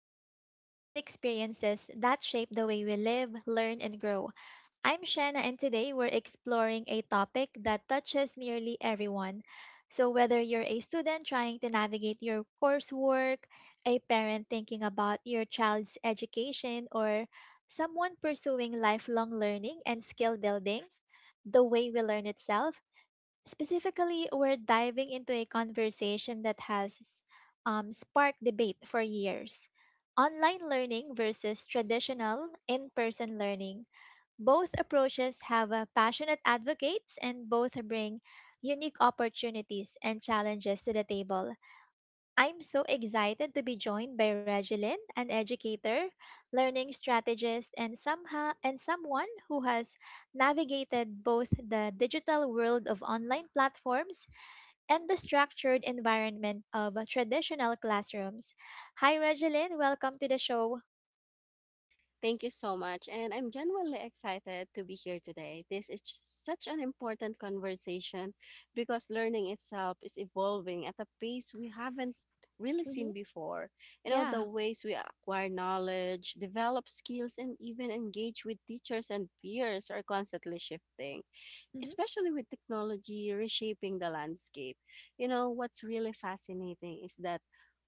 ideas, and experiences that shape the way we live, learn, and grow. I'm Shanna, and today we're exploring a topic that touches nearly everyone. So, whether you're a student trying to navigate your coursework, a parent thinking about your child's education, or someone pursuing lifelong learning and skill building, the way we learn itself. Specifically, we're diving into a conversation that has sparked debate for years: online learning versus traditional in person learning. Both approaches have passionate advocates and both bring unique opportunities and challenges to the table. I'm so excited to be joined by Regilyn, an educator, learning strategist, and somehow and someone who has navigated both the digital world of online platforms and the structured environment of traditional classrooms. Hi, Regeline. Welcome to the show. Thank you so much. And I'm genuinely excited to be here today. This is such an important conversation because learning itself is evolving at a pace we haven't really seen Hmm. before. You know, the Yeah. ways we acquire knowledge, develop skills, and even engage with teachers and peers are constantly shifting, Hmm. especially with technology reshaping the landscape. You know, what's really fascinating is that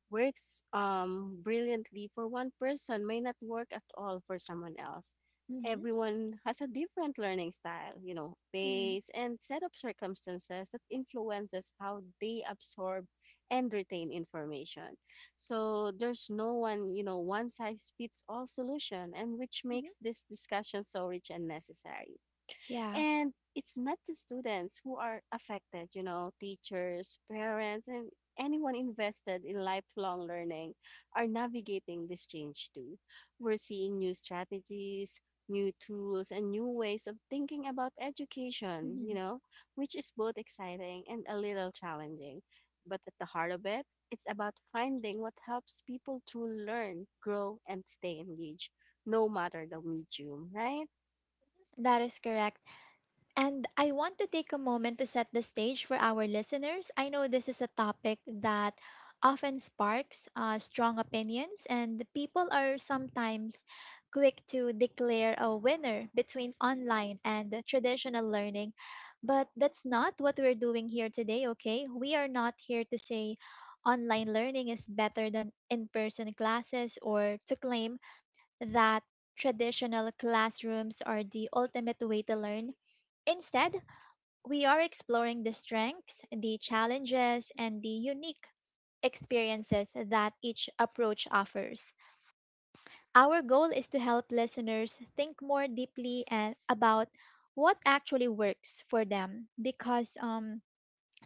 works brilliantly for one person may not work at all for someone else. Hmm. Everyone has a different learning style, you know, Hmm. pace and set of circumstances that influences how they absorb and retain information. So there's no one, you know, one size fits all solution and which Hmm. makes this discussion so rich and necessary. Yeah. And it's not just students who are affected, you know, teachers, parents, and anyone invested in lifelong learning are navigating this change too. We're seeing new strategies, new tools, and new ways of thinking about education, you Hmm. know, which is both exciting and a little challenging. But at the heart of it, it's about finding what helps people to learn, grow, and stay engaged, no matter the medium, right? That is correct. And I want to take a moment to set the stage for our listeners. I know this is a topic that often sparks strong opinions, and people are sometimes quick to declare a winner between online and the traditional learning. But that's not what we're doing here today, okay? We are not here to say online learning is better than in person classes or to claim that traditional classrooms are the ultimate way to learn. Instead, we are exploring the strengths, the challenges, and the unique experiences that each approach offers. Our goal is to help listeners think more deeply and about what actually works for them, because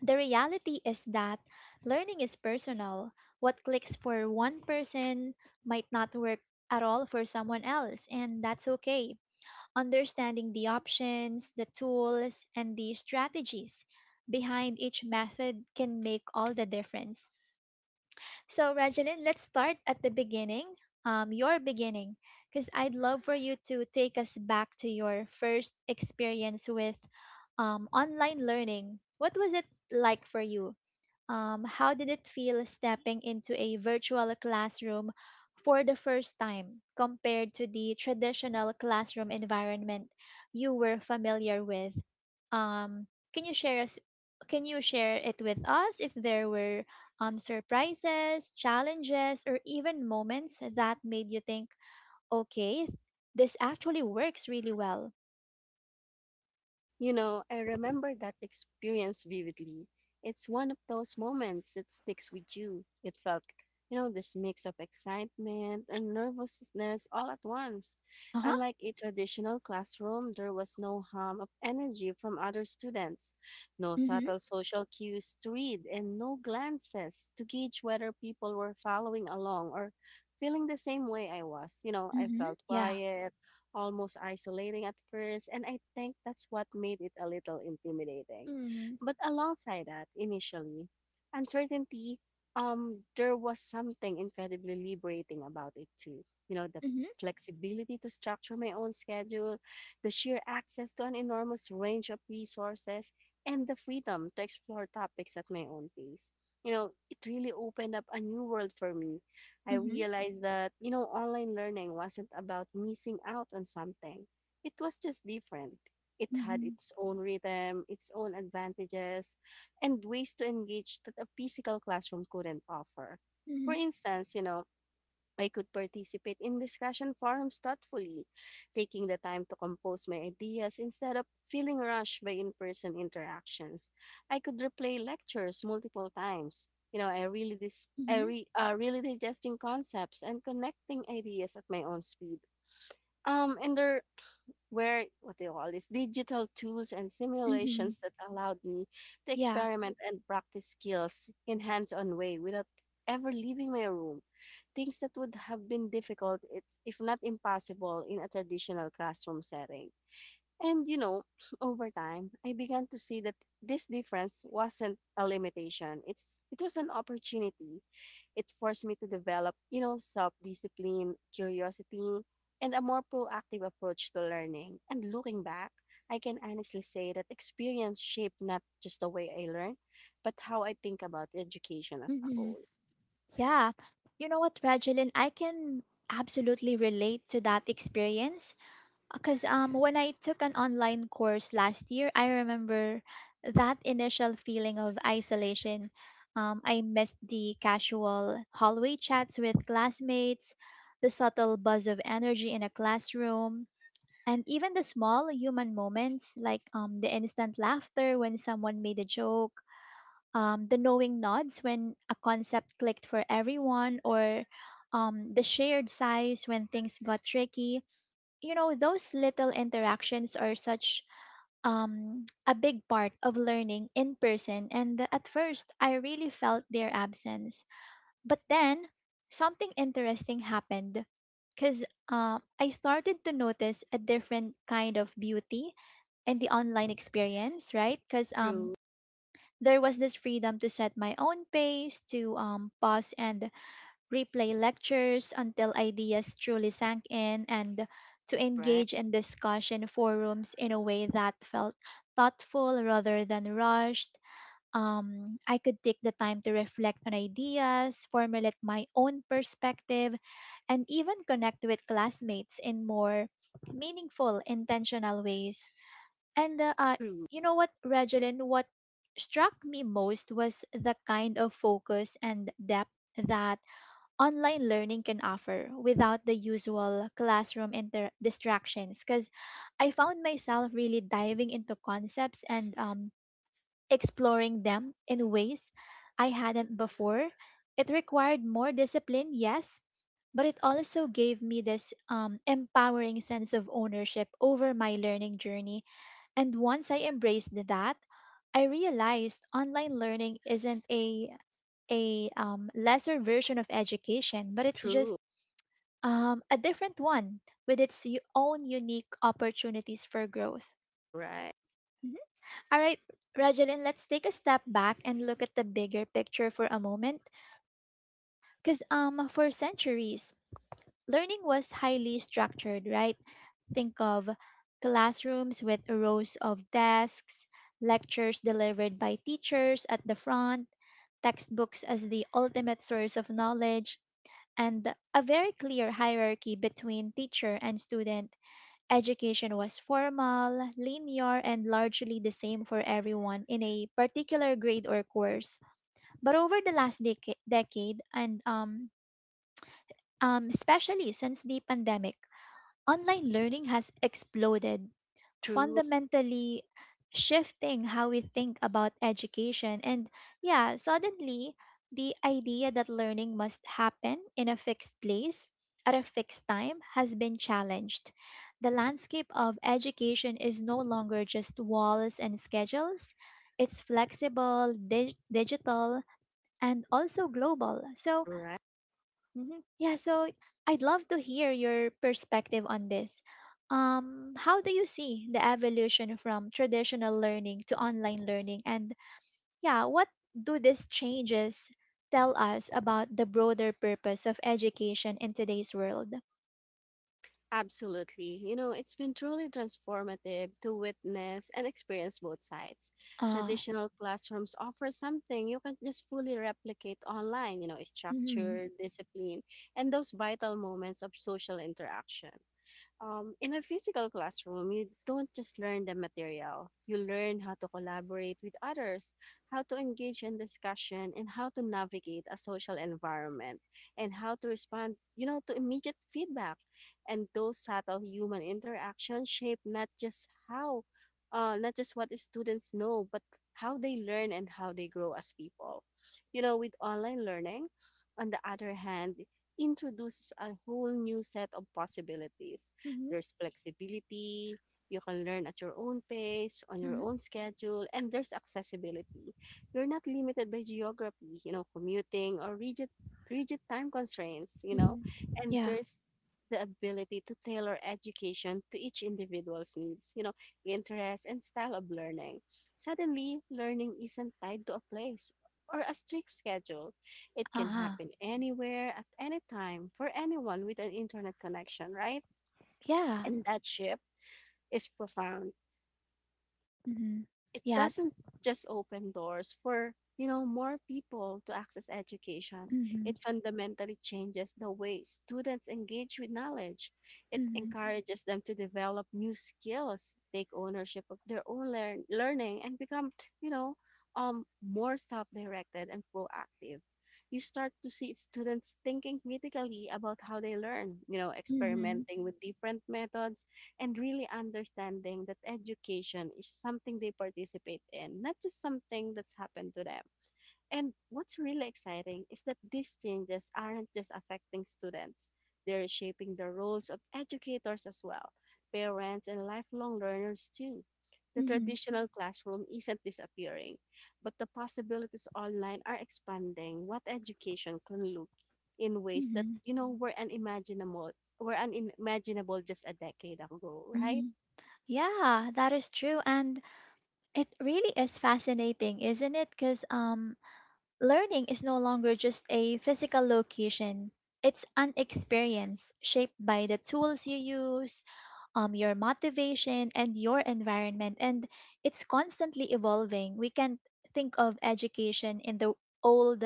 the reality is that learning is personal. What clicks for one person might not work at all for someone else, and that's okay. Understanding the options, the tools, and the strategies behind each method can make all the difference. So, Regeline, let's start at the beginning, your beginning, because I'd love for you to take us back to your first experience with online learning. What was it like for you? How did it feel stepping into a virtual classroom for the first time compared to the traditional classroom environment you were familiar with? Um, can you share us? Can you share it with us if there were surprises, challenges, or even moments that made you think, okay, this actually works really well? You know, I remember that experience vividly. It's one of those moments that sticks with you. It felt, you know, this mix of excitement and nervousness all at once. Uh huh. Unlike a traditional classroom, there was no hum of energy from other students, no Mm-hmm. subtle social cues to read, and no glances to gauge whether people were following along or feeling the same way I was. You know, I Mm-hmm. felt Yeah. quiet almost isolating at first, and I think that's what made it a little intimidating. Mm-hmm. But alongside that, initially, uncertainty, there was something incredibly liberating about it too. You know, the Mm-hmm. flexibility to structure my own schedule, the sheer access to an enormous range of resources, and the freedom to explore topics at my own pace. You know, it really opened up a new world for me. I Mm-hmm. realized that, you know, online learning wasn't about missing out on something. It was just different. It Mm-hmm. had Mm-hmm. its own rhythm, its own advantages, and ways to engage that a physical classroom couldn't offer. For instance, you know, I could participate in discussion forums thoughtfully, taking the time to compose my ideas instead of feeling rushed by in person interactions. I could replay lectures multiple times. You know, I really dis- I Mm-hmm. re- really digesting concepts and connecting ideas at my own speed. And there where what they call this digital tools and Mhm. simulations that allowed me to Yeah. experiment and practice skills in hands-on way without ever leaving my room, things that would have been difficult it's if not impossible in a traditional classroom setting. And you know over time I began to see that this difference wasn't a limitation, it's it was an opportunity. It forced me to develop, you know, self discipline, curiosity, and a more proactive approach to learning. And looking back, I can honestly say that experience shaped not just the way I learn, but how I think about education as a Mhm. whole. Yeah. You know what, Regeline, I can absolutely relate to that experience because when I took an online course last year, I remember that initial feeling of isolation. I missed the casual hallway chats with classmates, the subtle buzz of energy in a classroom, and even the small human moments, like the instant laughter when someone made a joke, the knowing nods when a concept clicked for everyone, or the shared sighs when things got tricky. You know, those little interactions are such a big part of learning in person, and at first I really felt their absence. But then something interesting happened, because I started to notice a different kind of beauty in the online experience, right? Because True, there was this freedom to set my own pace, to pause and replay lectures until ideas truly sank in, and to right? engage in discussion forums in a way that felt thoughtful rather than rushed. I could take the time to reflect on ideas, formulate my own perspective, and even connect with classmates in more meaningful, intentional ways. And True, you know what, Regeline, what struck me most was the kind of focus and depth that online learning can offer without the usual classroom distractions. Because I found myself really diving into concepts and exploring them in ways I hadn't before. It required more discipline, yes, but it also gave me this empowering sense of ownership over my learning journey, and once I embraced that, I realized online learning isn't a lesser version of education, but it's just true, a different one, with its own unique opportunities for growth. right? Mhm. All right, Rajalyn, let's take a step back and look at the bigger picture for a moment. Because for centuries, learning was highly structured, right? Think of classrooms with rows of desks, lectures delivered by teachers at the front, textbooks as the ultimate source of knowledge, and a very clear hierarchy between teacher and student. Education was formal, linear, and largely the same for everyone in a particular grade or course. But over the last decade, and especially since the pandemic, online learning has exploded, True, fundamentally shifting how we think about education. And yeah, suddenly the idea that learning must happen in a fixed place at a fixed time has been challenged. The landscape of education is no longer just walls and schedules. It's flexible, digital, and also global. So, right? mhm. Yeah, so I'd love to hear your perspective on this. How do you see the evolution from traditional learning to online learning? And yeah, what do these changes tell us about the broader purpose of education in today's world? Absolutely. You know, it's been truly transformative to witness and experience both sides. Uh, Traditional classrooms offer something you can't just fully replicate online, you know, mm-hmm, structure, discipline, and those vital moments of social interaction. In a physical classroom, you don't just learn the material. You learn how to collaborate with others, how to engage in discussion, and how to navigate a social environment, and how to respond, you know, to immediate feedback. And those subtle human interactions shape not just how, not just what the students know, but how they learn and how they grow as people. You know, with online learning, on the other hand, introduces a whole new set of possibilities. mm-hmm, There's flexibility. You can learn at your own pace, on your mm-hmm, own schedule, and there's accessibility. You're not limited by geography, you know, commuting or rigid time constraints, you know, mm-hmm. and Yeah, there's the ability to tailor education to each individual's needs, you know, interest and style of learning. Suddenly, learning isn't tied to a place or a strict schedule. It can uh-huh. happen anywhere, at any time, for anyone with an internet connection, right? Yeah. And that shift is profound. Mm-hmm. It Yeah. doesn't just open doors for, you know, more people to access education. Mm-hmm, It fundamentally changes the way students engage with knowledge. It mm-hmm, encourages them to develop new skills, take ownership of their learning, and become, you know, more self-directed and proactive. You start to see students thinking critically about how they learn, you know, mm-hmm, experimenting with different methods and really understanding that education is something they participate in, not just something that's happened to them. And what's really exciting is that these changes aren't just affecting students, they're shaping the roles of educators as well, parents, and lifelong learners too. The mm-hmm, traditional classroom isn't disappearing, but the possibilities online are expanding what education can look in ways that, mm-hmm. you know, were unimaginable just a decade ago, right? Mm-hmm. Yeah, that is true. And it really is fascinating, isn't it? Because learning is no longer just a physical location. It's an experience shaped by the tools you use, your motivation, and your environment. And it's constantly evolving. We can't think of education in the old,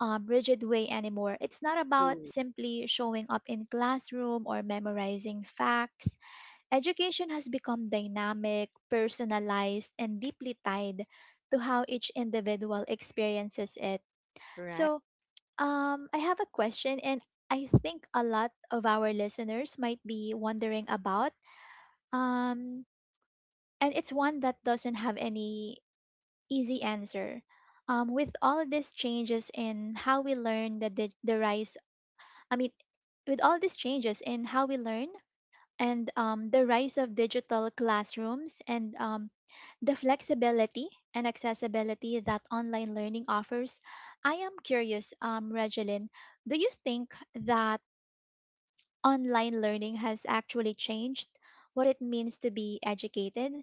rigid way anymore. It's not about True, simply showing up in classroom or memorizing facts. Education has become dynamic, personalized, and deeply tied to how each individual experiences it. right? So, I have a question, and I think a lot of our listeners might be wondering about. Um, and it's one that doesn't have any easy answer. With all these changes in how we learn, the, di- the rise, I mean, with all these changes in how we learn, and the rise of digital classrooms and the flexibility and accessibility that online learning offers, I am curious, Regeline, do you think that online learning has actually changed what it means to be educated?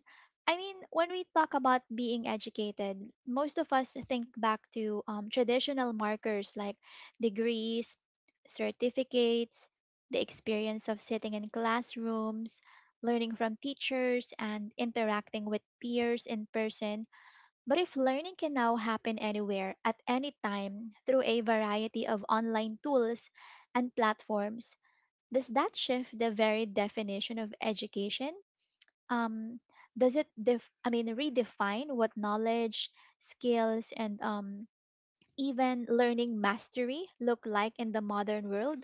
I mean, when we talk about being educated, most of us think back to traditional markers like degrees, certificates, the experience of sitting in classrooms, learning from teachers, and interacting with peers in person. But if learning can now happen anywhere, at any time, through a variety of online tools and platforms, does that shift the very definition of education? Um, does it redefine what knowledge, skills, and even learning mastery look like in the modern world?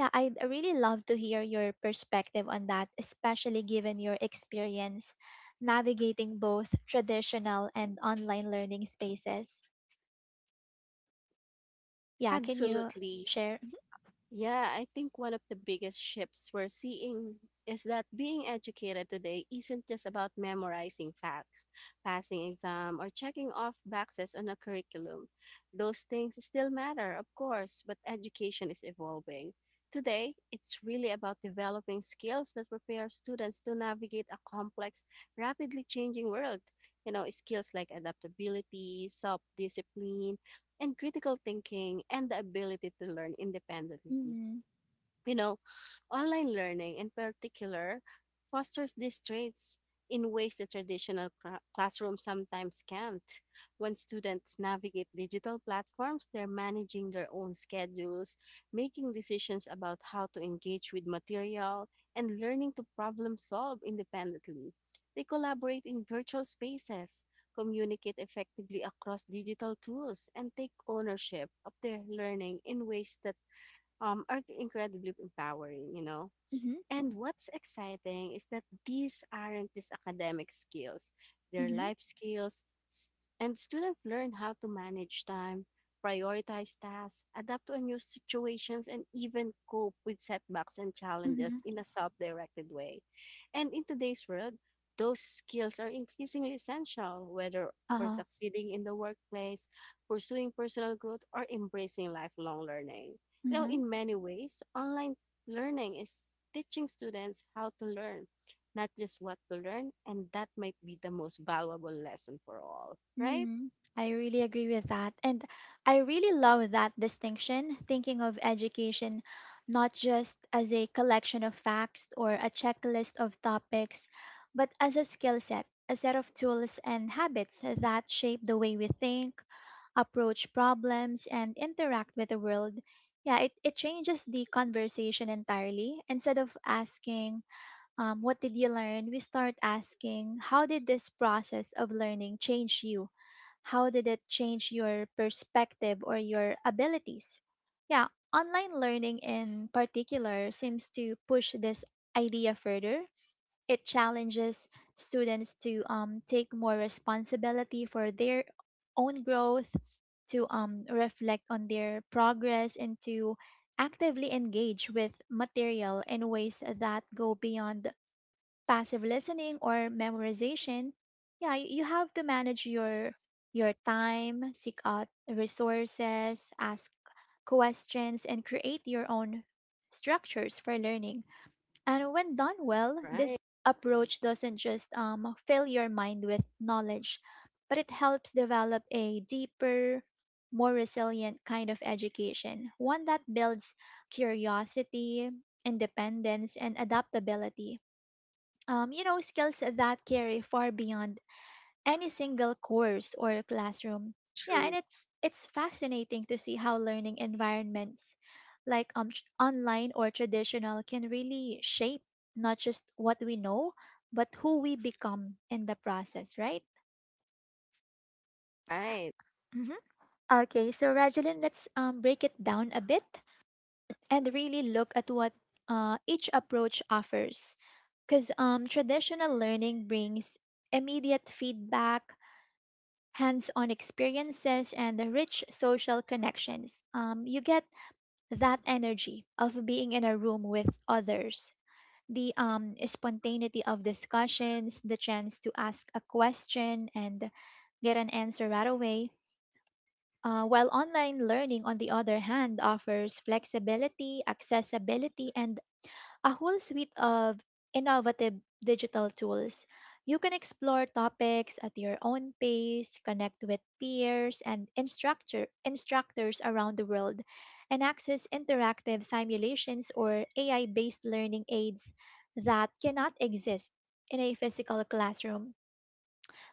Yeah, I'd really love to hear your perspective on that, especially given your experience navigating both traditional and online learning spaces. Yeah, can you Absolutely. share? Yeah, I think one of the biggest shifts we're seeing is that being educated today isn't just about memorizing facts, passing exam, or checking off boxes on a curriculum. Those things still matter, of course, but education is evolving. Today, it's really about developing skills that prepare students to navigate a complex, rapidly changing world. You know, skills like adaptability, self discipline, and critical thinking and the ability to learn independently. Mm-hmm. You know, online learning in particular fosters these traits in ways the classrooms sometimes can't. When students navigate digital platforms, they're managing their own schedules, making decisions about how to engage with material, and learning to problem solve independently. They collaborate in virtual spaces, communicate effectively across digital tools, and take ownership of their learning in ways that are incredibly empowering, you know. Mm-hmm. And what's exciting is that these aren't just academic skills, they're Mm-hmm. life skills, s- and students learn how to manage time, prioritize tasks, adapt to new situations, and even cope with setbacks and challenges Mm-hmm. in a self directed way. And in today's world, those skills are increasingly essential, whether for Uh-huh. succeeding in the workplace, pursuing personal growth, or embracing lifelong learning. You know, in many ways, online learning is teaching students how to learn, not just what to learn, and that might be the most valuable lesson for all, right? Mm, I really agree with that. And I really love that distinction, thinking of education not just as a collection of facts or a checklist of topics, but as a skill set, a set of tools and habits that shape the way we think, approach problems, and interact with the world. Yeah, it changes the conversation entirely. Instead of asking, what did you learn? We start asking, how did this process of learning change you? How did it change your perspective or your abilities? Yeah, online learning in particular seems to push this idea further. It challenges students to take more responsibility for their own growth, to reflect on their progress, and to actively engage with material in ways that go beyond passive listening or memorization. Yeah, you have to manage your time, seek out resources, ask questions, and create your own structures for learning. And when done well, this Right. approach doesn't just fill your mind with knowledge, but it helps develop a deeper, more resilient kind of education, one that builds curiosity, independence, and adaptability, you know, skills that carry far beyond any single course or classroom. Yeah, and True. it's fascinating to see how learning environments, like online or traditional, can really shape not just what we know, but who we become in the process, right? Right. Hmm. Okay, so Rajeline, let's break it down a bit and really look at what each approach offers. Because traditional learning brings immediate feedback, hands on experiences, and the rich social connections. You get that energy of being in a room with others, the spontaneity of discussions, the chance to ask a question and get an answer right away. While online learning, on the other hand, offers flexibility, accessibility, and a whole suite of innovative digital tools. You can explore topics at your own pace, connect with instructors around the world, and access interactive simulations or AI based learning aids that cannot exist in a physical classroom.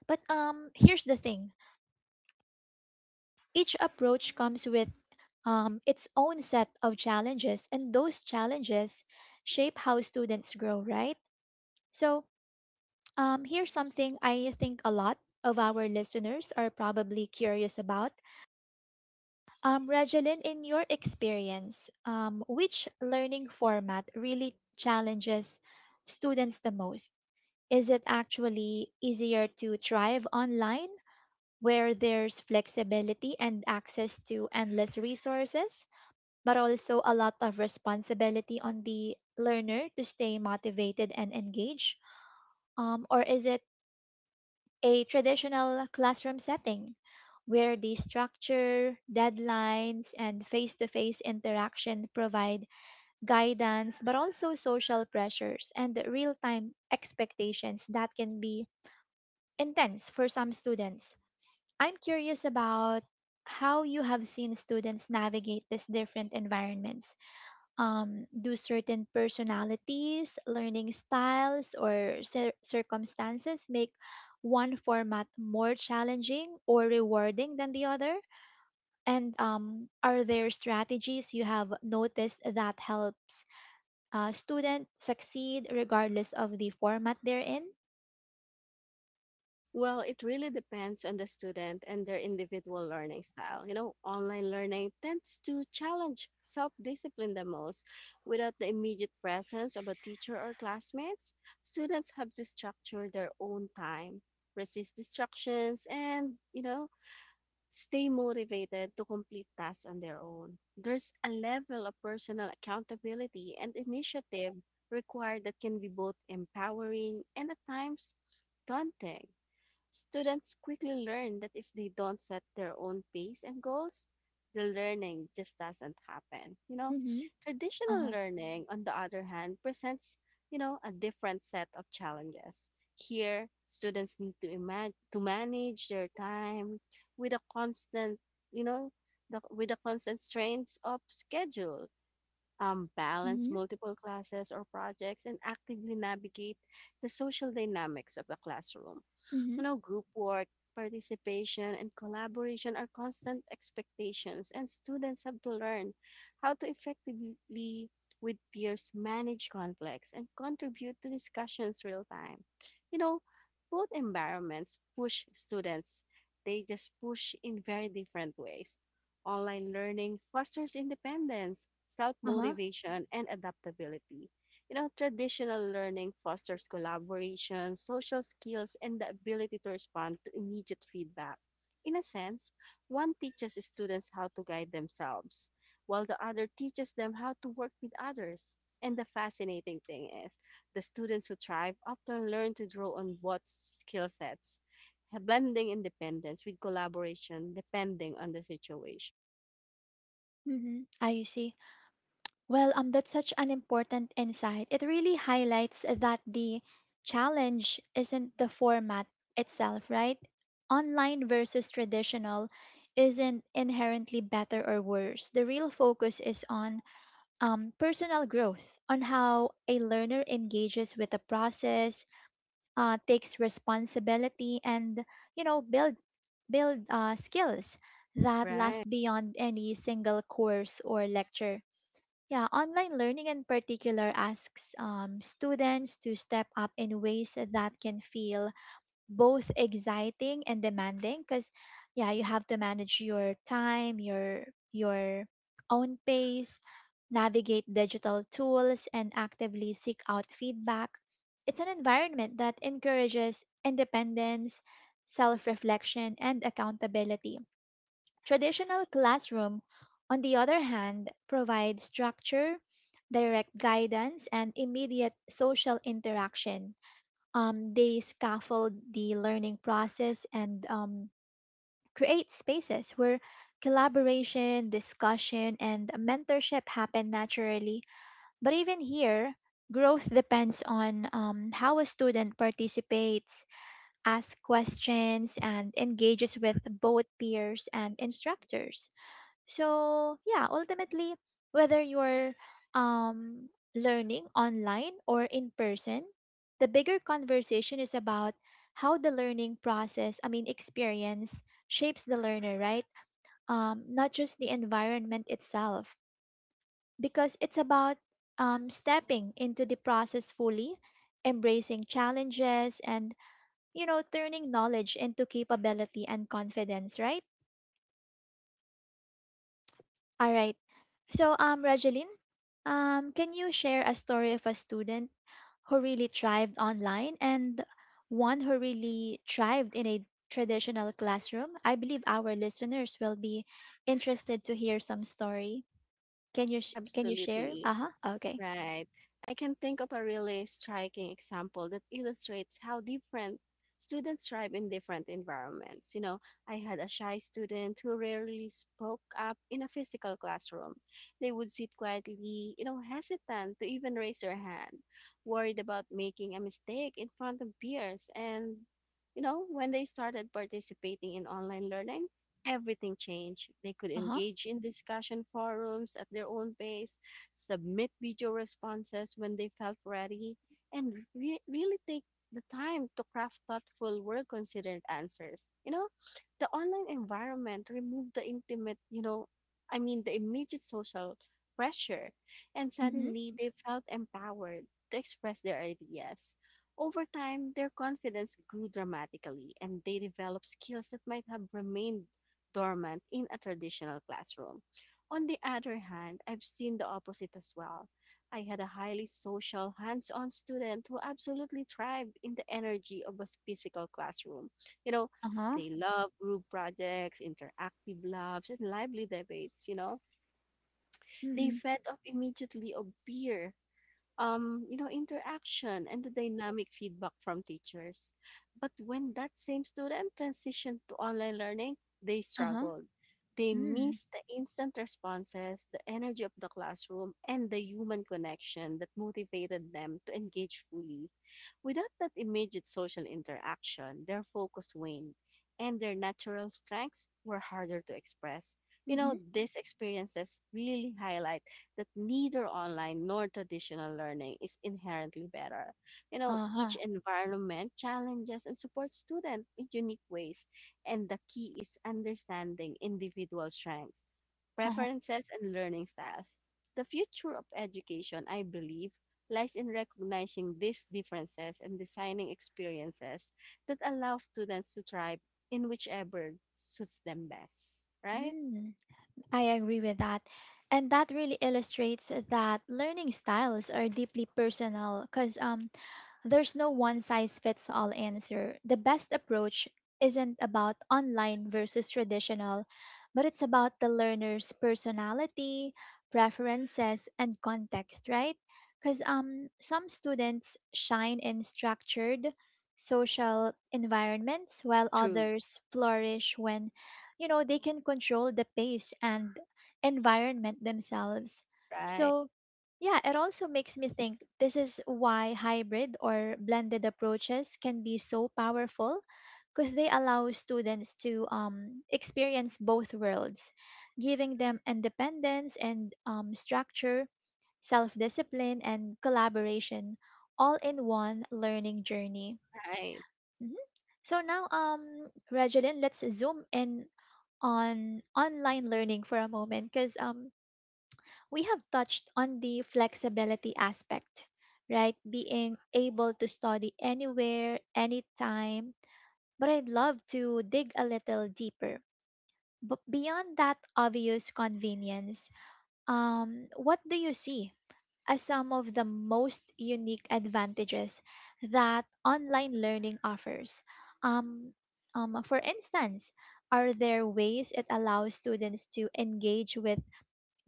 But here's the thing, each approach comes with its own set of challenges, and those challenges shape how students grow, right? So, Here's something I think a lot of our listeners are probably curious about. Regeline, in your experience, which learning format really challenges students the most? Is it actually easier to thrive online where there's flexibility and access to endless resources, but also a lot of responsibility on the learner to stay motivated and engaged? Or is it a traditional classroom setting where the structure, deadlines, and face to face interaction provide guidance, but also social pressures and real time expectations that can be intense for some students. I'm curious about how you have seen students navigate these different environments. Do certain personalities, learning styles, or circumstances make one format more challenging or rewarding than the other? And are there strategies you have noticed that helps students succeed regardless of the format they're in? Well, it really depends on the student and their individual learning style. You know, online learning tends to challenge self discipline the most. Without the immediate presence of a teacher or classmates, students have to structure their own time, resist distractions, and, you know, stay motivated to complete tasks on their own. There's a level of personal accountability and initiative required that can be both empowering and at times daunting. Students quickly learn that if they don't set their own pace and goals, the learning just doesn't happen. You know, Mhm. traditional Uh-huh. learning, on the other hand, presents, you know, a different set of challenges. Here, students need to imagine to manage their time with a constant, you know, with the constant strains of schedule, balance Mhm. multiple classes or projects, and actively navigate the social dynamics of the classroom. Mhm. You know, group work, participation, and collaboration are constant expectations, and students have to learn how to effectively, with peers, manage conflicts and contribute to discussions real time. You know, both environments push students, they just push in very different ways. Online learning fosters independence, self Uh-huh. motivation, and adaptability. You know, traditional learning fosters collaboration, social skills, and the ability to respond to immediate feedback. In a sense, one teaches students how to guide themselves, while the other teaches them how to work with others. And the fascinating thing is, the students who thrive often learn to draw on both skill sets, blending independence with collaboration depending on the situation. Mhm. Ah, you see. Well, that's such an important insight. It really highlights that the challenge isn't the format itself, right? Online versus traditional isn't inherently better or worse. The real focus is on personal growth, on how a learner engages with the process, takes responsibility, and you know, build skills that last Right. beyond any single course or lecture. Yeah, online learning in particular asks students to step up in ways that can feel both exciting and demanding because yeah, you have to manage your time, your own pace, navigate digital tools and actively seek out feedback. It's an environment that encourages independence, self-reflection and accountability. Traditional classroom, on the other hand, provides structure, direct guidance, and immediate social interaction. They scaffold the learning process and create spaces where collaboration, discussion, and mentorship happen naturally. But even here, growth depends on how a student participates, asks questions, and engages with both peers and instructors. So, yeah, ultimately, whether you're um, learning online or in person, the bigger conversation is about how the learning experience shapes the learner, right? Not just the environment itself, because it's about stepping into the process fully, embracing challenges, and, you know, turning knowledge into capability and confidence, right? All right. So, Rajeline, can you share a story of a student who really thrived online and one who really thrived in a traditional classroom? I believe our listeners will be interested to hear some story. Can you share? Uh Absolutely. huh. Okay. Right. I can think of a really striking example that illustrates how different students thrive in different environments. You know, I had a shy student who rarely spoke up in a physical classroom. They would sit quietly, you know, hesitant to even raise their hand, worried about making a mistake in front of peers. And, you know, when they started participating in online learning, everything changed. They could Uh-huh. engage in discussion forums at their own pace, submit video responses when they felt ready, and really take the time to craft thoughtful, well considered answers. You know, the online environment removed the intimate, you know, I mean, the immediate social pressure, and Mhm. suddenly they felt empowered to express their ideas. Over time, their confidence grew dramatically, and they developed skills that might have remained dormant in a traditional classroom. On the other hand, I've seen the opposite as well. I had a highly social, hands on student who absolutely thrived in the energy of a physical classroom. You know, Uh-huh. they love group projects, interactive labs, and lively debates. You know, they Mhm. fed up immediately of peer interaction and the dynamic feedback from teachers. But when that same student transitioned to online learning, they Uh-huh. struggled. They Mm. missed the instant responses, the energy of the classroom, and the human connection that motivated them to engage fully. Without that immediate social interaction, their focus waned and their natural strengths were harder to express. You know, Mhm. these experiences really highlight that neither online nor traditional learning is inherently better. You know, each Uh-huh. environment challenges and supports students in unique ways, and the key is understanding individual strengths, Uh-huh. preferences, and learning styles. The future of education, I believe, lies in recognizing these differences and designing experiences that allow students to thrive in whichever suits them best. Right? Mm. I agree with that. And that really illustrates that learning styles are deeply personal because there's no one size fits all answer. The best approach isn't about online versus traditional, but it's about the learner's personality, preferences, and context, right? Because some students shine in structured social environments while True. others flourish when you know they can control the pace and environment themselves. Right. So yeah, it also makes me think this is why hybrid or blended approaches can be so powerful because they allow students to experience both worlds, giving them independence and structure, self discipline, and collaboration all in one learning journey. Right. Mhm. So now, Regeline, let's zoom in on online learning for a moment because we have touched on the flexibility aspect, right? Being able to study anywhere, anytime. But I'd love to dig a little deeper. But beyond that obvious convenience, what do you see as some of the most unique advantages that online learning offers? Um, for instance, are there ways it allows students to engage with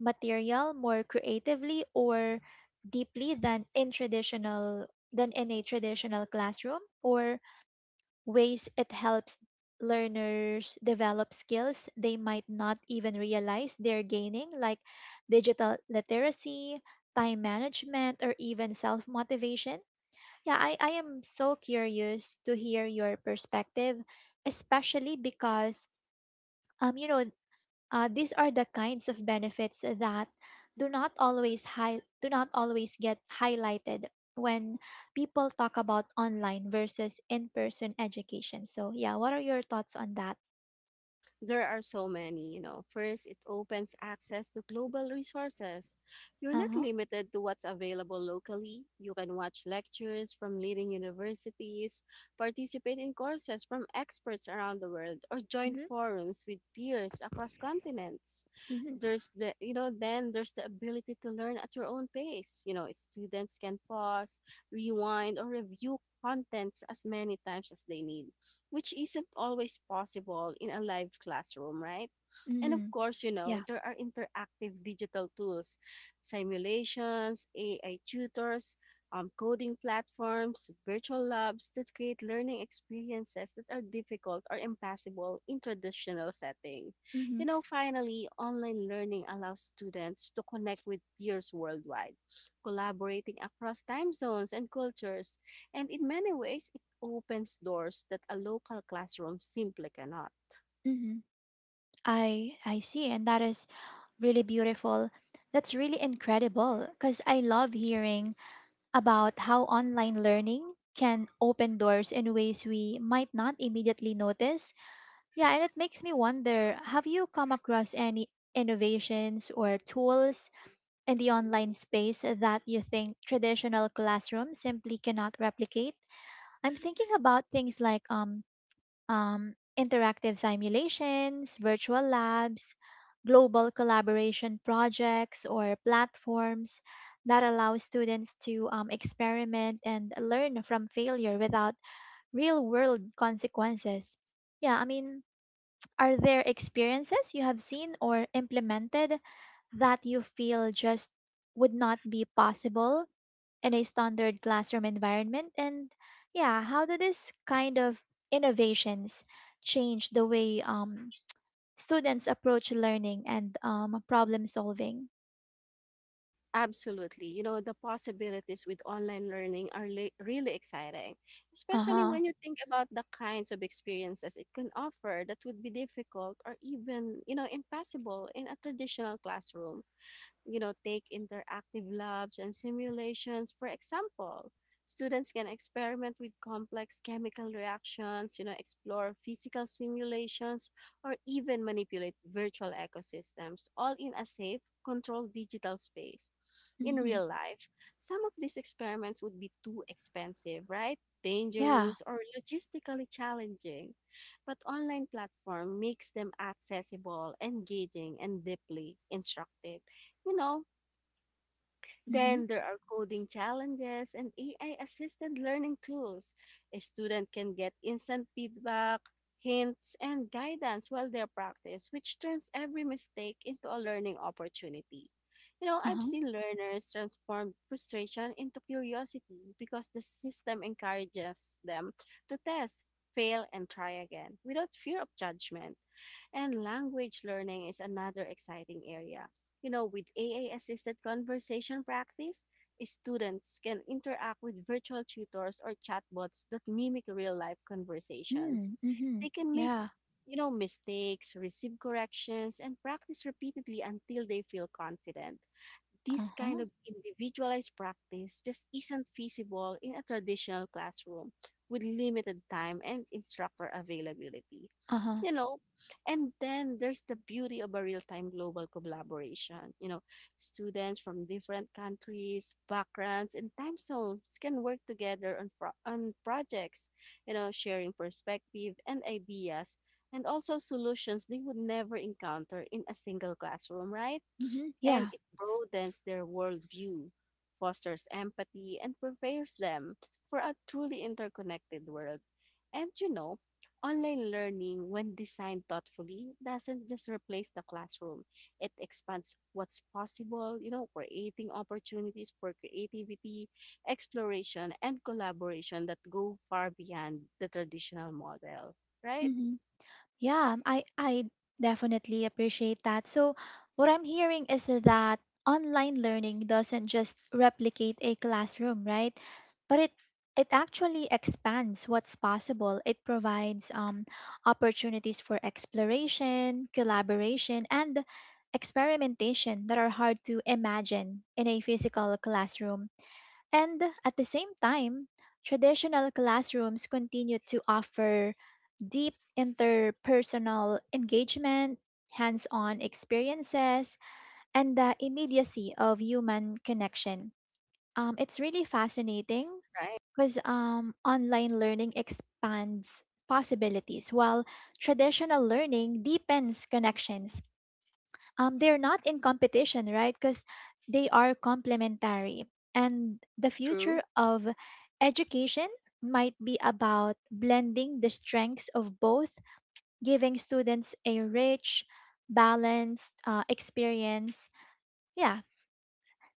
material more creatively or deeply than in traditional than in a traditional classroom, or ways it helps learners develop skills they might not even realize they're gaining, like digital literacy, time management or even self-motivation. Yeah, I am so curious to hear your perspective, especially because um you know these are the kinds of benefits that do not always get highlighted when people talk about online versus in-person education. So yeah, what are your thoughts on that? There are so many, you know. First, it opens access to global resources. You're not Uh-huh. limited to what's available locally. You can watch lectures from leading universities, participate in courses from experts around the world, or join Mm-hmm. forums with peers across continents. Mm-hmm. There's the, you know, then there's the ability to learn at your own pace. You know, students can pause, rewind, or review contents as many times as they need, which isn't always possible in a live classroom, right? And of Mm-hmm. course, you know, Yeah. there are interactive digital tools, simulations, AI tutors, coding platforms, virtual labs that create learning experiences that are difficult or impossible in traditional setting. Mm-hmm. You know, finally, online learning allows students to connect with peers worldwide, collaborating across time zones and cultures. And in many ways, it opens doors that a local classroom simply cannot. Mm-hmm. I see, and that is really beautiful. That's really incredible because I love hearing about how online learning can open doors in ways we might not immediately notice. Yeah, and it makes me wonder, have you come across any innovations or tools in the online space that you think traditional classrooms simply cannot replicate? I'm thinking about things like interactive simulations, virtual labs, global collaboration projects, or platforms that allow students to experiment and learn from failure without real world consequences. Yeah, I mean, are there experiences you have seen or implemented that you feel just would not be possible in a standard classroom environment? And yeah, how do this kind of innovations change the way students approach learning and problem solving? Absolutely. You know, the possibilities with online learning are really exciting, Uh especially huh. when you think about the kinds of experiences it can offer that would be difficult or even, you know, impossible in a traditional classroom. You know, take interactive labs and simulations. For example, students can experiment with complex chemical reactions, you know, explore physical simulations, or even manipulate virtual ecosystems, all in a safe, controlled digital space. In Mm-hmm. real life, some of these experiments would be too expensive, right? Yeah. Dangerous or logistically challenging. But online platform makes them accessible, engaging, and deeply instructive. You know, Mm-hmm. then there are coding challenges and AI assisted learning tools. A student can get instant feedback, hints, and guidance while they practice, which turns every mistake into a learning opportunity. You know, Uh I've huh. seen learners transform frustration into curiosity because the system encourages them to test, fail, and try again without fear of judgment. And language learning is another exciting area. You know, with AA assisted conversation practice, students can interact with virtual tutors or chatbots that mimic real life conversations. Mm-hmm. They can make, Yeah. you know, mistakes, receive corrections, and practice repeatedly until they feel confident. Uh This kind huh. of individualized practice just isn't feasible in a traditional classroom with limited time and instructor availability. Uh huh. You know, and then there's the beauty of a real-time global collaboration. You know, students from different countries, backgrounds, and time zones can work together on, on projects, you know, sharing perspective and ideas and also solutions they would never encounter in a single classroom, right? Mm-hmm. And Yeah. it broadens their worldview, fosters empathy, and prepares them for a truly interconnected world. And you know, online learning, when designed thoughtfully, doesn't just replace the classroom, it expands what's possible, you know, creating opportunities for creativity, exploration, and collaboration that go far beyond the traditional model. Right? Mm-hmm. I definitely appreciate that. So, what I'm hearing is that online learning doesn't just replicate a classroom, right? But it actually expands what's possible. It provides opportunities for exploration, collaboration, and experimentation that are hard to imagine in a physical classroom. And at the same time, traditional classrooms continue to offer deep interpersonal engagement, hands on experiences, and the immediacy of human connection. It's really fascinating Right. because online learning expands possibilities while traditional learning deepens connections. They're not in competition, right? Because they are complementary. And the True. future of education might be about blending the strengths of both, giving students a rich, balanced experience. Yeah,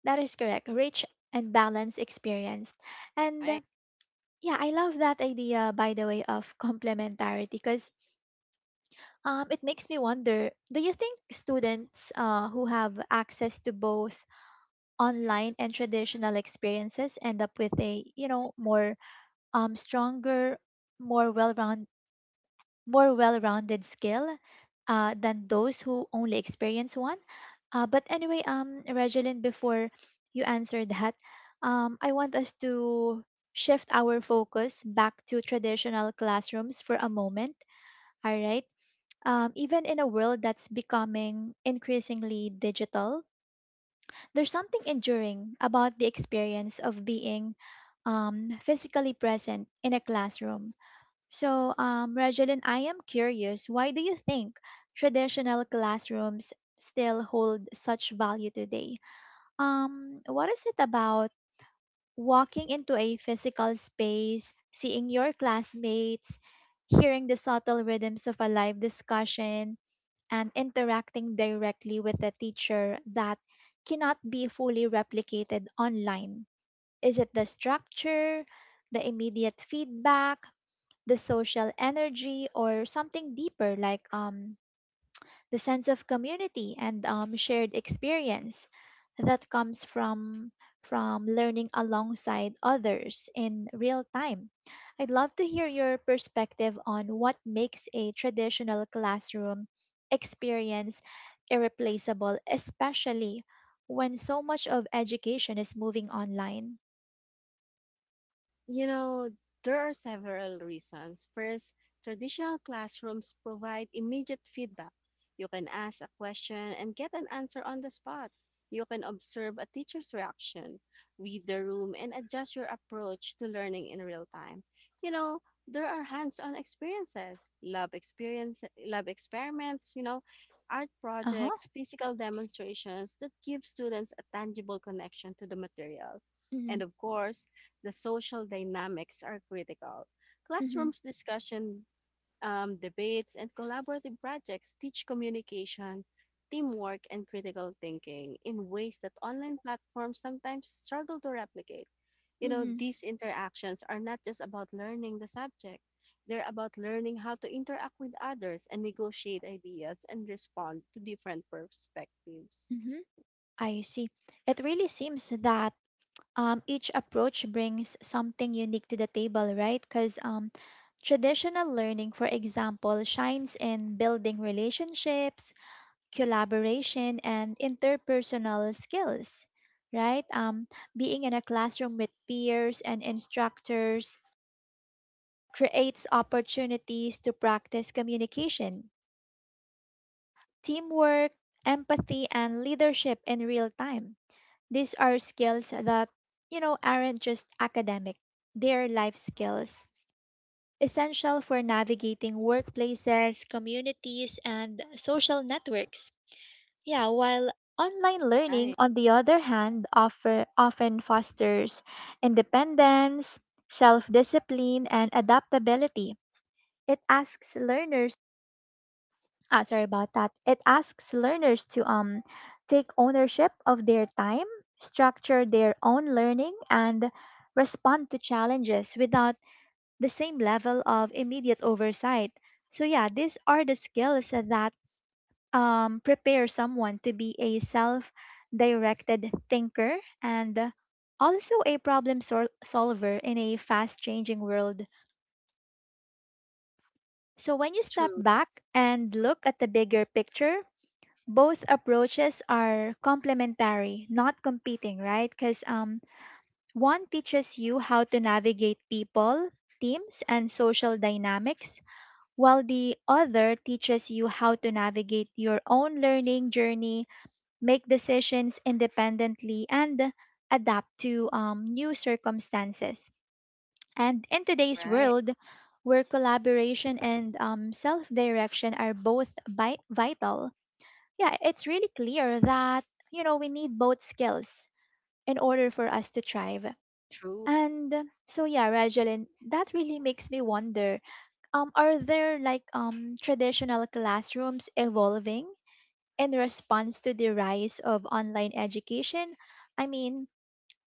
that is correct. Rich and balanced experience. And Right. yeah, I love that idea, by the way, of complementarity because it makes me wonder, do you think students who have access to both online and traditional experiences end up with a, you know, um, stronger, more well more well rounded skill than those who only experience one. But anyway, Regeline, before you answer that, I want us to shift our focus back to traditional classrooms for a moment. All right. Even in a world that's becoming increasingly digital, there's something enduring about the experience of being physically present in a classroom. So, Regeline, I am curious, why do you think traditional classrooms still hold such value today? What is it about walking into a physical space, seeing your classmates, hearing the subtle rhythms of a live discussion, and interacting directly with the teacher that cannot be fully replicated online? Is it the structure, the immediate feedback, the social energy or something deeper, like the sense of community and shared experience that comes from learning alongside others in real time. I'd love to hear your perspective on what makes a traditional classroom experience irreplaceable, especially when so much of education is moving online. You know, there are several reasons. First, traditional classrooms provide immediate feedback. You can ask a question and get an answer on the spot. You can observe a teacher's reaction, read the room, and adjust your approach to learning in real time. You know, there are hands-on experiences, lab experiments, you know, art Uh huh. projects, physical demonstrations that give students a tangible connection to the material. Mm-hmm. And of course, the social dynamics are critical. Classrooms discussion, debates, and collaborative projects teach communication, teamwork, and critical thinking in ways that online platforms sometimes struggle to replicate. You know, Mm-hmm. these interactions are not just about learning the subject, they're about learning how to interact with others and negotiate ideas and respond to different perspectives. Mm-hmm. I see. It really seems that each approach brings something unique to the table, right? Because traditional learning, for example, shines in building relationships, collaboration, and interpersonal skills, right? Being in a classroom with peers and instructors creates opportunities to practice communication, teamwork, empathy, and leadership in real time. These are skills that, you know, aren't just academic, they're life skills, essential for navigating workplaces, communities, and social networks. Yeah, while online learning, Right. on the other hand, often fosters independence, self discipline, and adaptability. It asks learners. Ah, sorry about that. It asks learners to take ownership of their time, structure their own learning, and respond to challenges without the same level of immediate oversight. So yeah, these are the skills that prepare someone to be a self-directed thinker and also a solver in a fast-changing world. So when you step True. back and look at the bigger picture, both approaches are complementary, not competing, right? Because one teaches you how to navigate people, teams, and social dynamics, while the other teaches you how to navigate your own learning journey, make decisions independently, and adapt to new circumstances. And in today's Right. world, where collaboration and self direction are both vital, yeah, it's really clear that, you know, we need both skills in order for us to thrive. True. And so yeah, Regeline, that really makes me wonder, are there like traditional classrooms evolving in response to the rise of online education? I mean,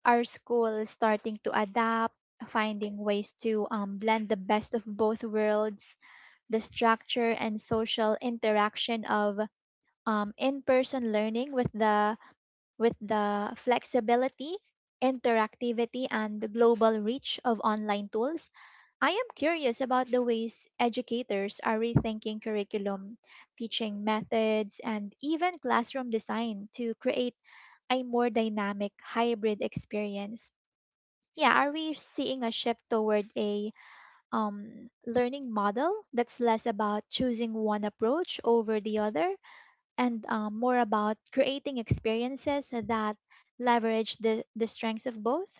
are schools starting to adapt, finding ways to blend the best of both worlds, the structure and social interaction of in-person learning with the flexibility, interactivity, and the global reach of online tools. I am curious about the ways educators are rethinking curriculum, teaching methods, and even classroom design to create a more dynamic hybrid experience. Yeah, are we seeing a shift toward a learning model that's less about choosing one approach over the other and more about creating experiences that leverage the strengths of both?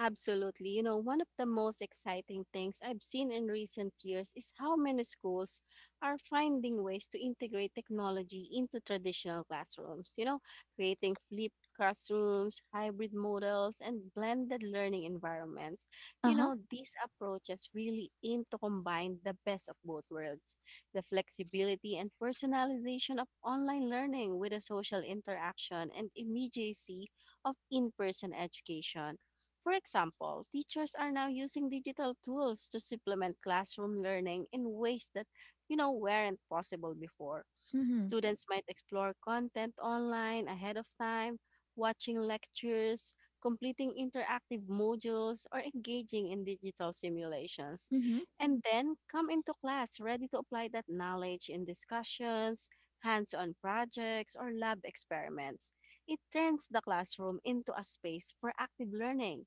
Absolutely. You know, one of the most exciting things I've seen in recent years is how many schools are finding ways to integrate technology into traditional classrooms. You know, creating flipped classrooms, hybrid models, and blended learning environments. Uh You huh. know, these approaches really aim to combine the best of both worlds, the flexibility and personalization of online learning with the social interaction and immediacy of in person education. For example, teachers are now using digital tools to supplement classroom learning in ways that, you know, weren't possible before. Mm hmm. Students might explore content online ahead of time, watching lectures, completing interactive modules, or engaging in digital simulations. Mm hmm. And then come into class ready to apply that knowledge in discussions, hands on projects, or lab experiments. It turns the classroom into a space for active learning,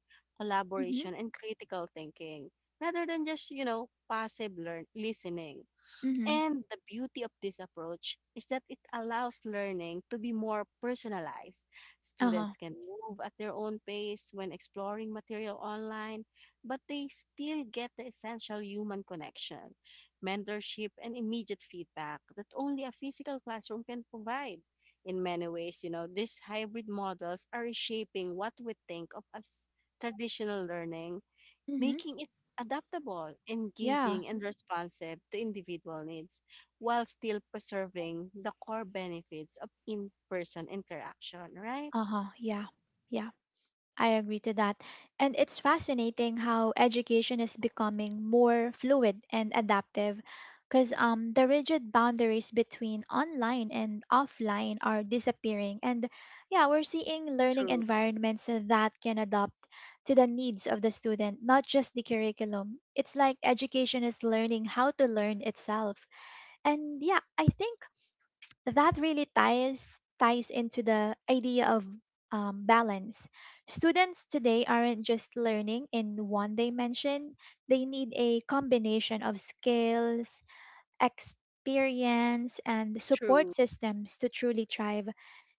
Mm hmm. collaboration, and critical thinking rather than just, you know, listening. Mm hmm. And the beauty of this approach is that it allows learning to be more personalized. Uh huh. Students can move at their own pace when exploring material online, but they still get the essential human connection, mentorship, and immediate feedback that only a physical classroom can provide. In many ways, you know, these hybrid models are reshaping what we think of as traditional learning, Mm hmm. making it adaptable, Yeah. engaging, and responsive to individual needs while still preserving the core benefits of in person interaction, right? Uh huh. Yeah. Yeah, I agree to that. And it's fascinating how education is becoming more fluid and adaptive because the rigid boundaries between online and offline are disappearing. And yeah, we're seeing learning True. environments that can adapt to the needs of the student, not just the curriculum. It's like education is learning how to learn itself. And yeah, I think that really ties into the idea of balance. Students today aren't just learning in one dimension, they need a combination of skills, experience, and support True. systems to truly thrive,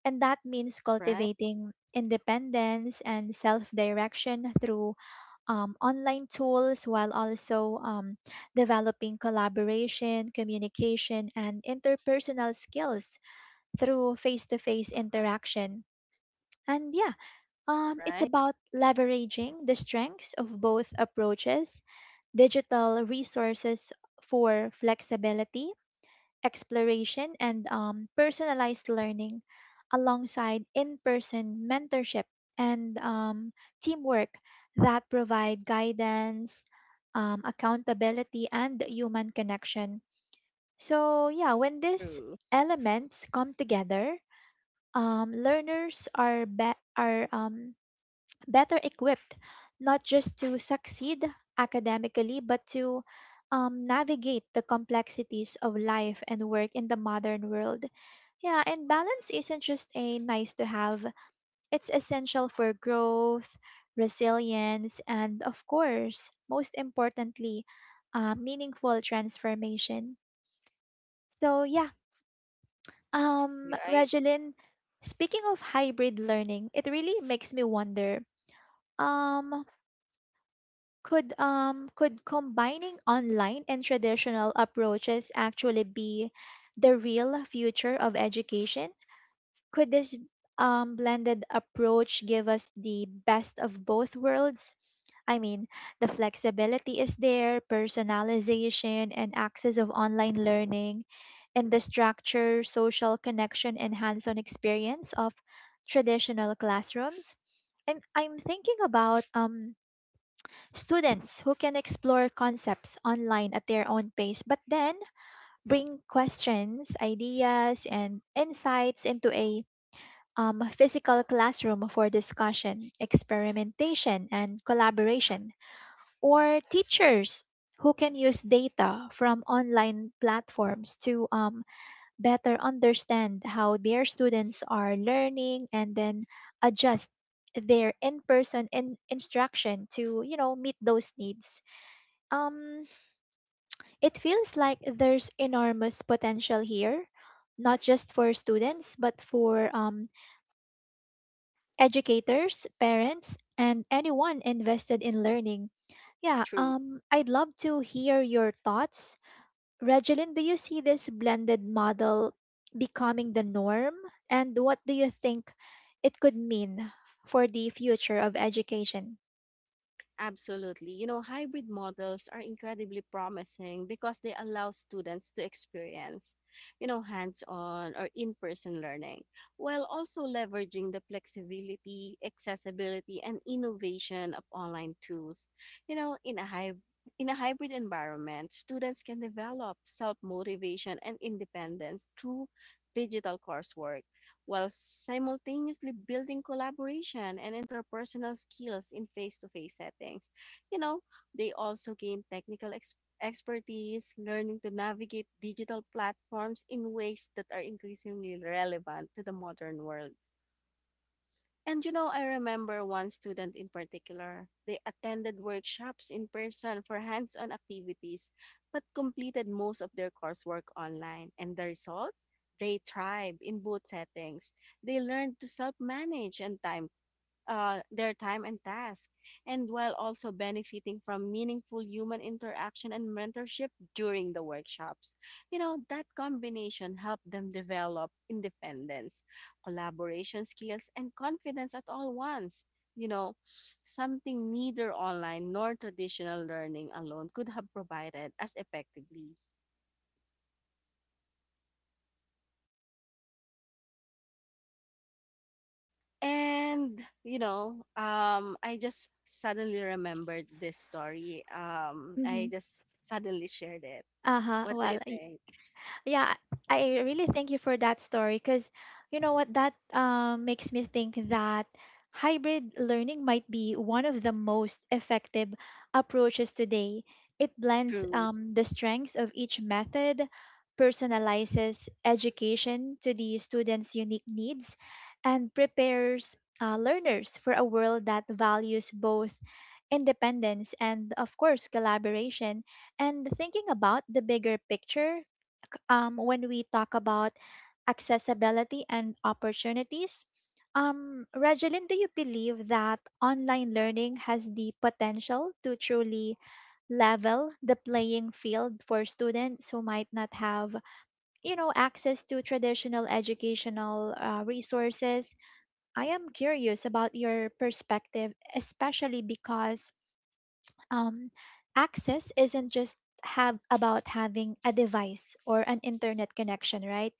and that means Right, cultivating independence and self-direction through online tools, while also developing collaboration, communication, and interpersonal skills through face to face interaction. And yeah, it's right, about leveraging the strengths of both approaches: digital resources for flexibility, exploration, and personalized learning, alongside in person mentorship and teamwork that provide guidance, accountability, and human connection. So, yeah, when these true, elements come together, learners are better equipped not just to succeed academically, but to navigate the complexities of life and work in the modern world. Yeah, and balance isn't just a nice to have, it's essential for growth, resilience, and of course, most importantly, meaningful transformation. So, yeah, right, Regeline, speaking of hybrid learning, it really makes me wonder, um, could could combining online and traditional approaches actually be the real future of education? Could this blended approach give us the best of both worlds? I mean, the flexibility is there, personalization and access of online learning, and the structure, social connection, and hands on experience of traditional classrooms. I'm thinking about students who can explore concepts online at their own pace, but then bring questions, ideas, and insights into a physical classroom for discussion, experimentation, and collaboration, or teachers who can use data from online platforms to better understand how their students are learning and then adjust their instruction to, you know, meet those needs. um, it feels like there's enormous potential here, not just for students but for educators, parents, and anyone invested in learning. Yeah, true. I'd love to hear your thoughts. Regeline, do you see this blended model becoming the norm? And what do you think it could mean for the future of education? Absolutely. You know, hybrid models are incredibly promising because they allow students to experience, you know, hands on or in person learning, while also leveraging the flexibility, accessibility, and innovation of online tools. You know, in a hybrid environment, students can develop self motivation and independence through digital coursework, while simultaneously building collaboration and interpersonal skills in face-to-face settings. You know, they also gain expertise, learning to navigate digital platforms in ways that are increasingly relevant to the modern world. And you know, I remember one student in particular. They attended workshops in person for hands on activities, but completed most of their coursework online. And the result? They thrived in both settings. They learned to self manage and time their time and task, and while also benefiting from meaningful human interaction and mentorship during the workshops. You know, that combination helped them develop independence, collaboration skills, and confidence at all once. You know, something neither online nor traditional learning alone could have provided as effectively. And you know, I just suddenly remembered this story. Hmm I just suddenly shared it. Uh huh. What do Well, you think? yeah, I really thank you for that story because you know what, that makes me think that hybrid learning might be one of the most effective approaches today. It blends True. The strengths of each method, personalizes education to the student's unique needs, and prepares learners for a world that values both independence and, of course, collaboration. And thinking about the bigger picture, when we talk about accessibility and opportunities. Regeline, do you believe that online learning has the potential to truly level the playing field for students who might not have, you know, access to traditional educational resources? I am curious about your perspective, especially because um, access isn't just have about having a device or an internet connection, right?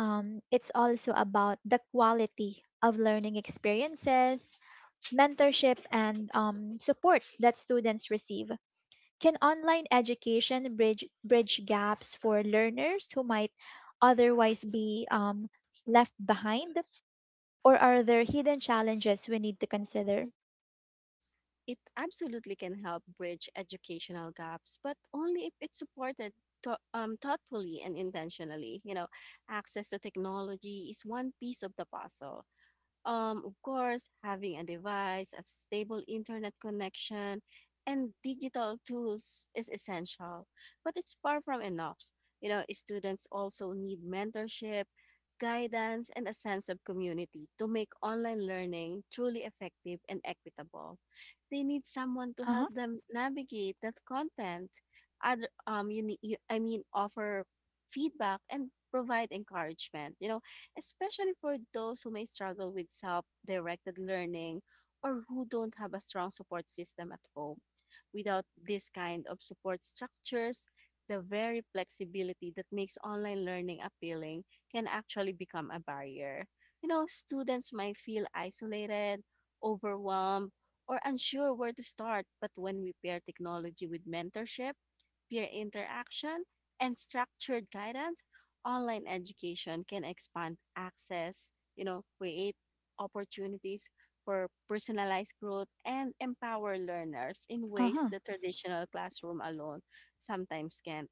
It's also about the quality of learning experiences, mentorship, and support that students receive. Can online education bridge gaps for learners who might otherwise be left behind, or are there hidden challenges we need to consider? It absolutely can help bridge educational gaps, but only if it's supported to, thoughtfully and intentionally. You know, access to technology is one piece of the puzzle. Of course, having a device, a stable internet connection, and digital tools is essential, but it's far from enough. You know, students also need mentorship, guidance, and a sense of community to make online learning truly effective and equitable. They need someone to Uh-huh. help them navigate that content. Other, you, need, you, I mean, offer feedback and provide encouragement. You know, especially for those who may struggle with self directed learning or who don't have a strong support system at home. Without this kind of support structures, the very flexibility that makes online learning appealing can actually become a barrier. You know, students might feel isolated, overwhelmed, or unsure where to start, but when we pair technology with mentorship, peer interaction, and structured guidance, online education can expand access, you know, create opportunities for personalized growth and empower learners in ways Uh-huh. the traditional classroom alone sometimes can't.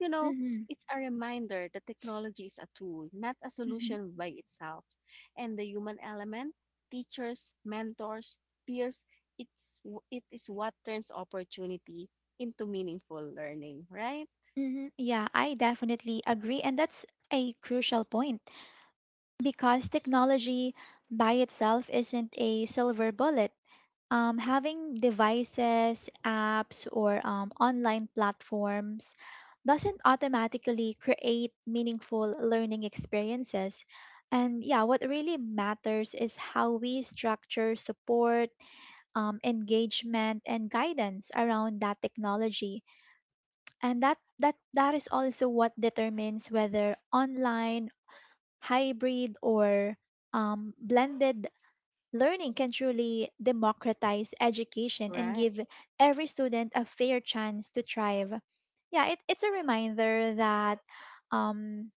You know, Mm-hmm. it's a reminder that technology is a tool, not a solution by itself. And the human element, teachers, mentors, peers, it is what turns opportunity into meaningful learning, right? Mhm. Yeah, I definitely agree. And that's a crucial point because technology by itself isn't a silver bullet. Having devices, apps, or online platforms doesn't automatically create meaningful learning experiences. And yeah, what really matters is how we structure support, engagement, and guidance around that technology, and that is also what determines whether online, hybrid, or blended learning can truly democratize education and Right, give every student a fair chance to thrive. Yeah, it's a reminder that um,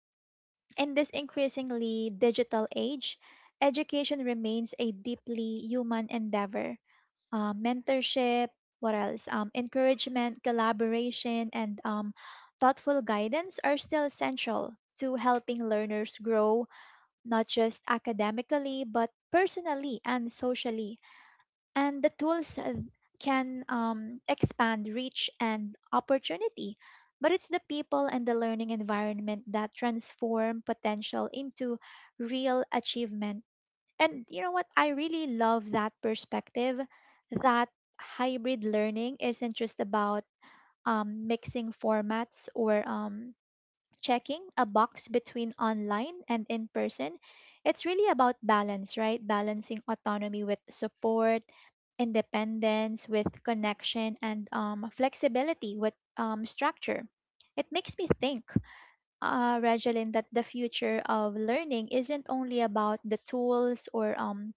in this increasingly digital age, education remains a deeply human endeavor. Mentorship, what else? Encouragement, collaboration, and thoughtful guidance are still essential to helping learners grow, not just academically, but personally and socially. And the tools can expand reach and opportunity. But it's the people and the learning environment that transform potential into real achievement. And you know what? I really love that perspective, that hybrid learning isn't just about mixing formats or checking a box between online and in person. It's really about balance, right? Balancing autonomy with support, independence with connection, and flexibility with structure. It makes me think, Regeline, that the future of learning isn't only about the tools or um,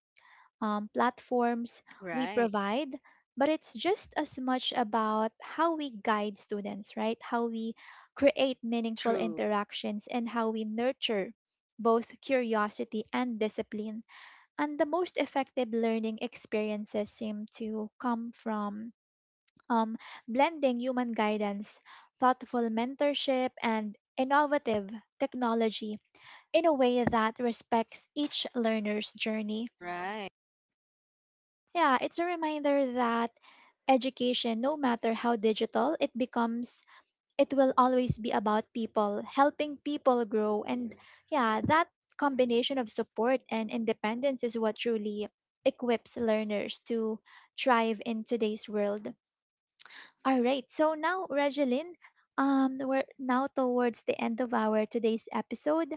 um, platforms we right. provide, but it's just as much about how we guide students, right? How we create meaningful True. interactions and how we nurture both curiosity and discipline. And the most effective learning experiences seem to come from um, blending human guidance, thoughtful mentorship, and innovative technology in a way that respects each learner's journey. Right, Yeah, it's a reminder that education, no matter how digital it becomes, it will always be about people, helping people grow. And yeah, that combination of support and independence is what truly equips learners to thrive in today's world. All right, so now, Regeline, we're now towards the end of our today's episode.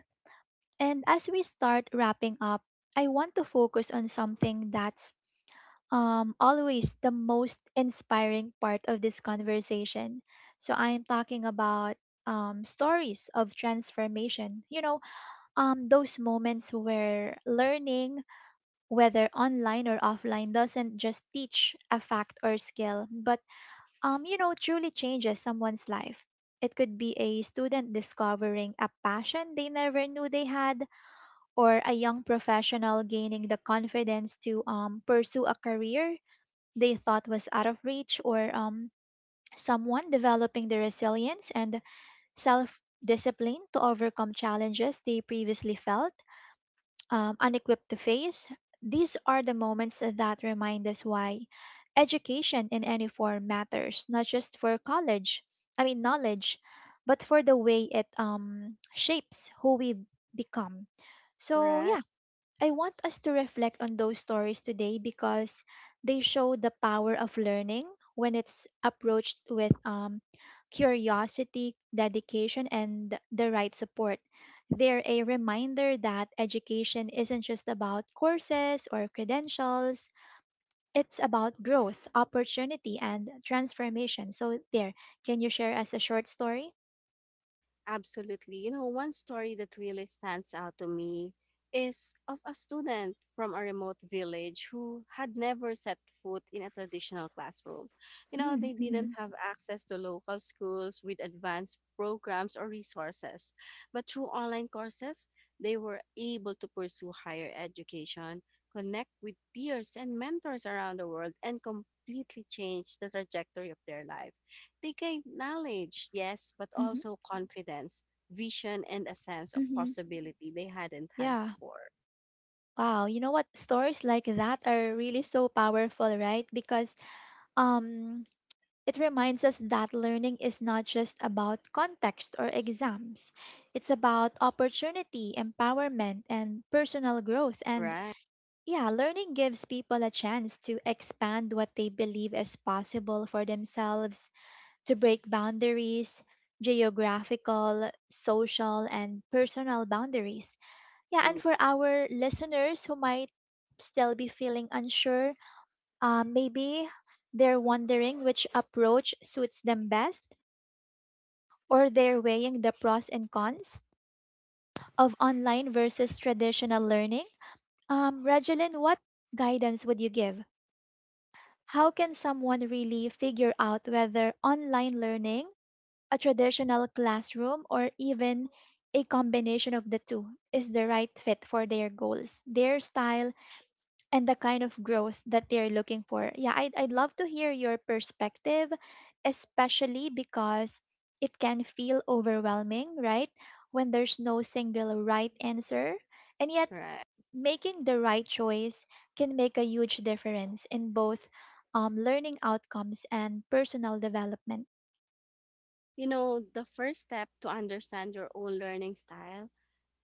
And as we start wrapping up, I want to focus on something that's always the most inspiring part of this conversation. So I am talking about stories of transformation. You know, those moments where learning, whether online or offline, doesn't just teach a fact or skill, but you know, truly changes someone's life. It could be a student discovering a passion they never knew they had, or a young professional gaining the confidence to pursue a career they thought was out of reach, or someone developing the resilience and self discipline to overcome challenges they previously felt unequipped to face. These are the moments that remind us why education in any form matters, not just for college, I mean, knowledge, but for the way it shapes who we become. So, right. yeah, I want us to reflect on those stories today because they show the power of learning when it's approached with curiosity, dedication, and the right support. They're a reminder that education isn't just about courses or credentials, it's about growth, opportunity, and transformation. So, there, can you share us a short story? Absolutely. You know, one story that really stands out to me is of a student from a remote village who had never set foot in a traditional classroom. You know, they Mm-hmm. didn't have access to local schools with advanced programs or resources. But through online courses, they were able to pursue higher education, connect with peers and mentors around the world, and completely change the trajectory of their life. They gained knowledge, yes, but Mm-hmm. also confidence, vision, and a sense of Mm-hmm. possibility they hadn't had Yeah. before. Wow, you know what? Stories like that are really so powerful, right? Because um it reminds us that learning is not just about context or exams. It's about opportunity, empowerment, and personal growth. And Right, yeah, learning gives people a chance to expand what they believe is possible for themselves, to break boundaries: geographical, social, and personal boundaries. Yeah, and true, for our listeners who might still be feeling unsure, maybe they're wondering which approach suits them best, or they're weighing the pros and cons of online versus traditional learning. Regeline, what guidance would you give? How can someone really figure out whether online learning, a traditional classroom, or even a combination of the two is the right fit for their goals, their style, and the kind of growth that they're looking for? Yeah, I'd love to hear your perspective, especially because it can feel overwhelming, right? When there's no single right answer. And yet, right. making the right choice can make a huge difference in both learning outcomes and personal development. You know, the first step to understand your own learning style,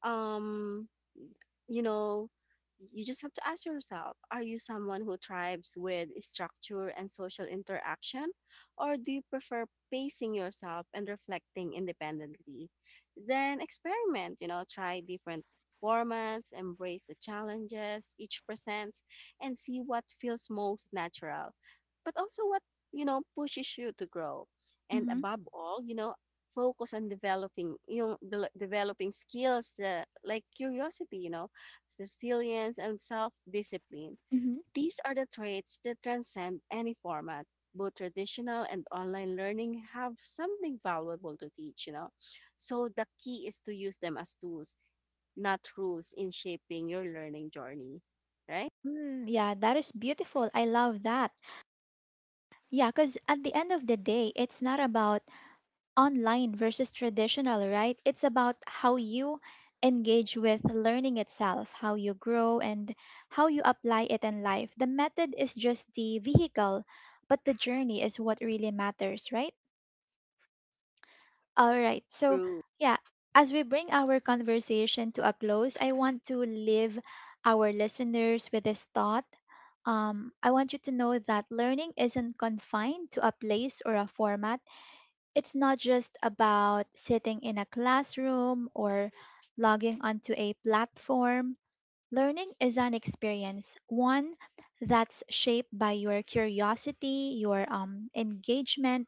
um you know, you just have to ask yourself, are you someone who thrives with structure and social interaction, or do you prefer pacing yourself and reflecting independently? Then experiment, you know, try different formats, embrace the challenges each presents, and see what feels most natural, but also what, you know, pushes you to grow. And hmm above all, you know, focus on developing yung dele developing skills the like curiosity, you know, resilience and self-discipline. hmm These are the traits that transcend any format. Both traditional and online learning have something valuable to teach, you know. So the key is to use them as tools, not rules in shaping your learning journey, right? Mm, yeah, that is beautiful. I love that. Yeah, because at the end of the day, it's not about online versus traditional, right? It's about how you engage with learning itself, how you grow, and how you apply it in life. The method is just the vehicle, but the journey is what really matters, right? All right. So, True. yeah, as we bring our conversation to a close, I want to leave our listeners with this thought. I want you to know that learning isn't confined to a place or a format. It's not just about sitting in a classroom or logging onto a platform. Learning is an experience, one that's shaped by your curiosity, your engagement,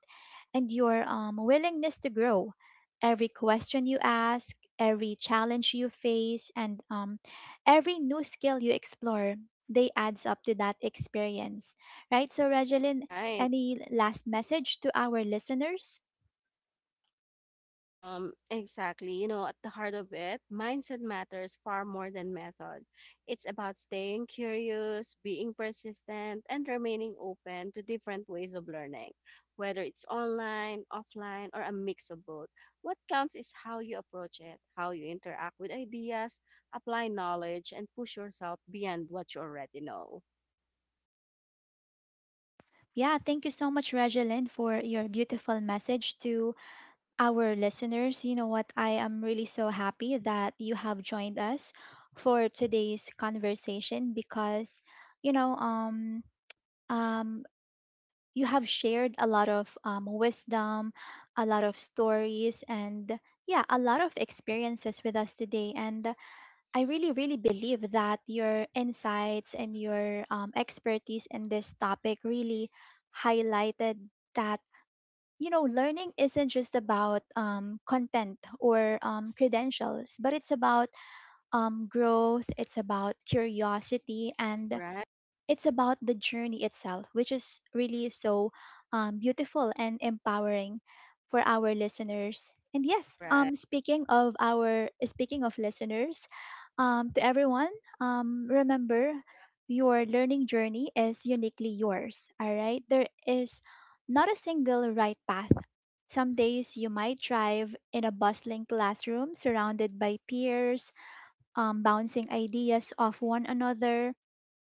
and your willingness to grow. Every question you ask, every challenge you face, and every new skill you explore, they adds up to that experience, right? So, Regeline, Right. any last message to our listeners? Exactly. You know, at the heart of it, mindset matters far more than method. It's about staying curious, being persistent, and remaining open to different ways of learning, whether it's online, offline, or a mix of both. What counts is how you approach it, how you interact with ideas, apply knowledge, and push yourself beyond what you already know. Yeah, thank you so much, Regeline, for your beautiful message to our listeners. You know what? I am really so happy that you have joined us for today's conversation because, you know, um, you have shared a lot of wisdom, a lot of stories, and yeah, a lot of experiences with us today. And I really, really believe that your insights and your expertise in this topic really highlighted that, you know, learning isn't just about content or credentials, but it's about growth, it's about curiosity, and Right, it's about the journey itself, which is really so beautiful and empowering for our listeners. And yes, right, speaking of our speaking of listeners, to everyone, remember, your learning journey is uniquely yours. All right, there is not a single right path. Some days you might drive in a bustling classroom surrounded by peers, bouncing ideas off one another,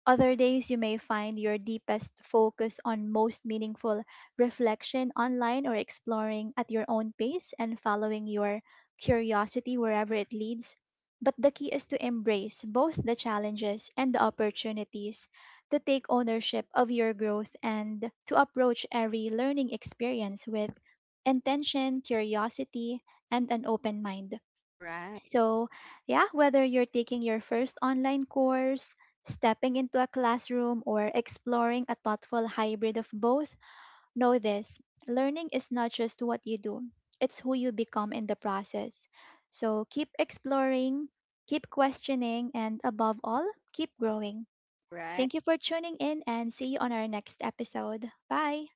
other days, you may find your deepest focus on most meaningful reflection online, or exploring at your own pace and following your curiosity wherever it leads. But the key is to embrace both the challenges and the opportunities, to take ownership of your growth, and to approach every learning experience with intention, curiosity, and an open mind. right, So, yeah, whether you're taking your first online course, stepping into a classroom, or exploring a thoughtful hybrid of both, know this: learning is not just what you do, it's who you become in the process. So, keep exploring, keep questioning, and above all, keep growing. Thank right. you for tuning in and see you on our next episode. Bye.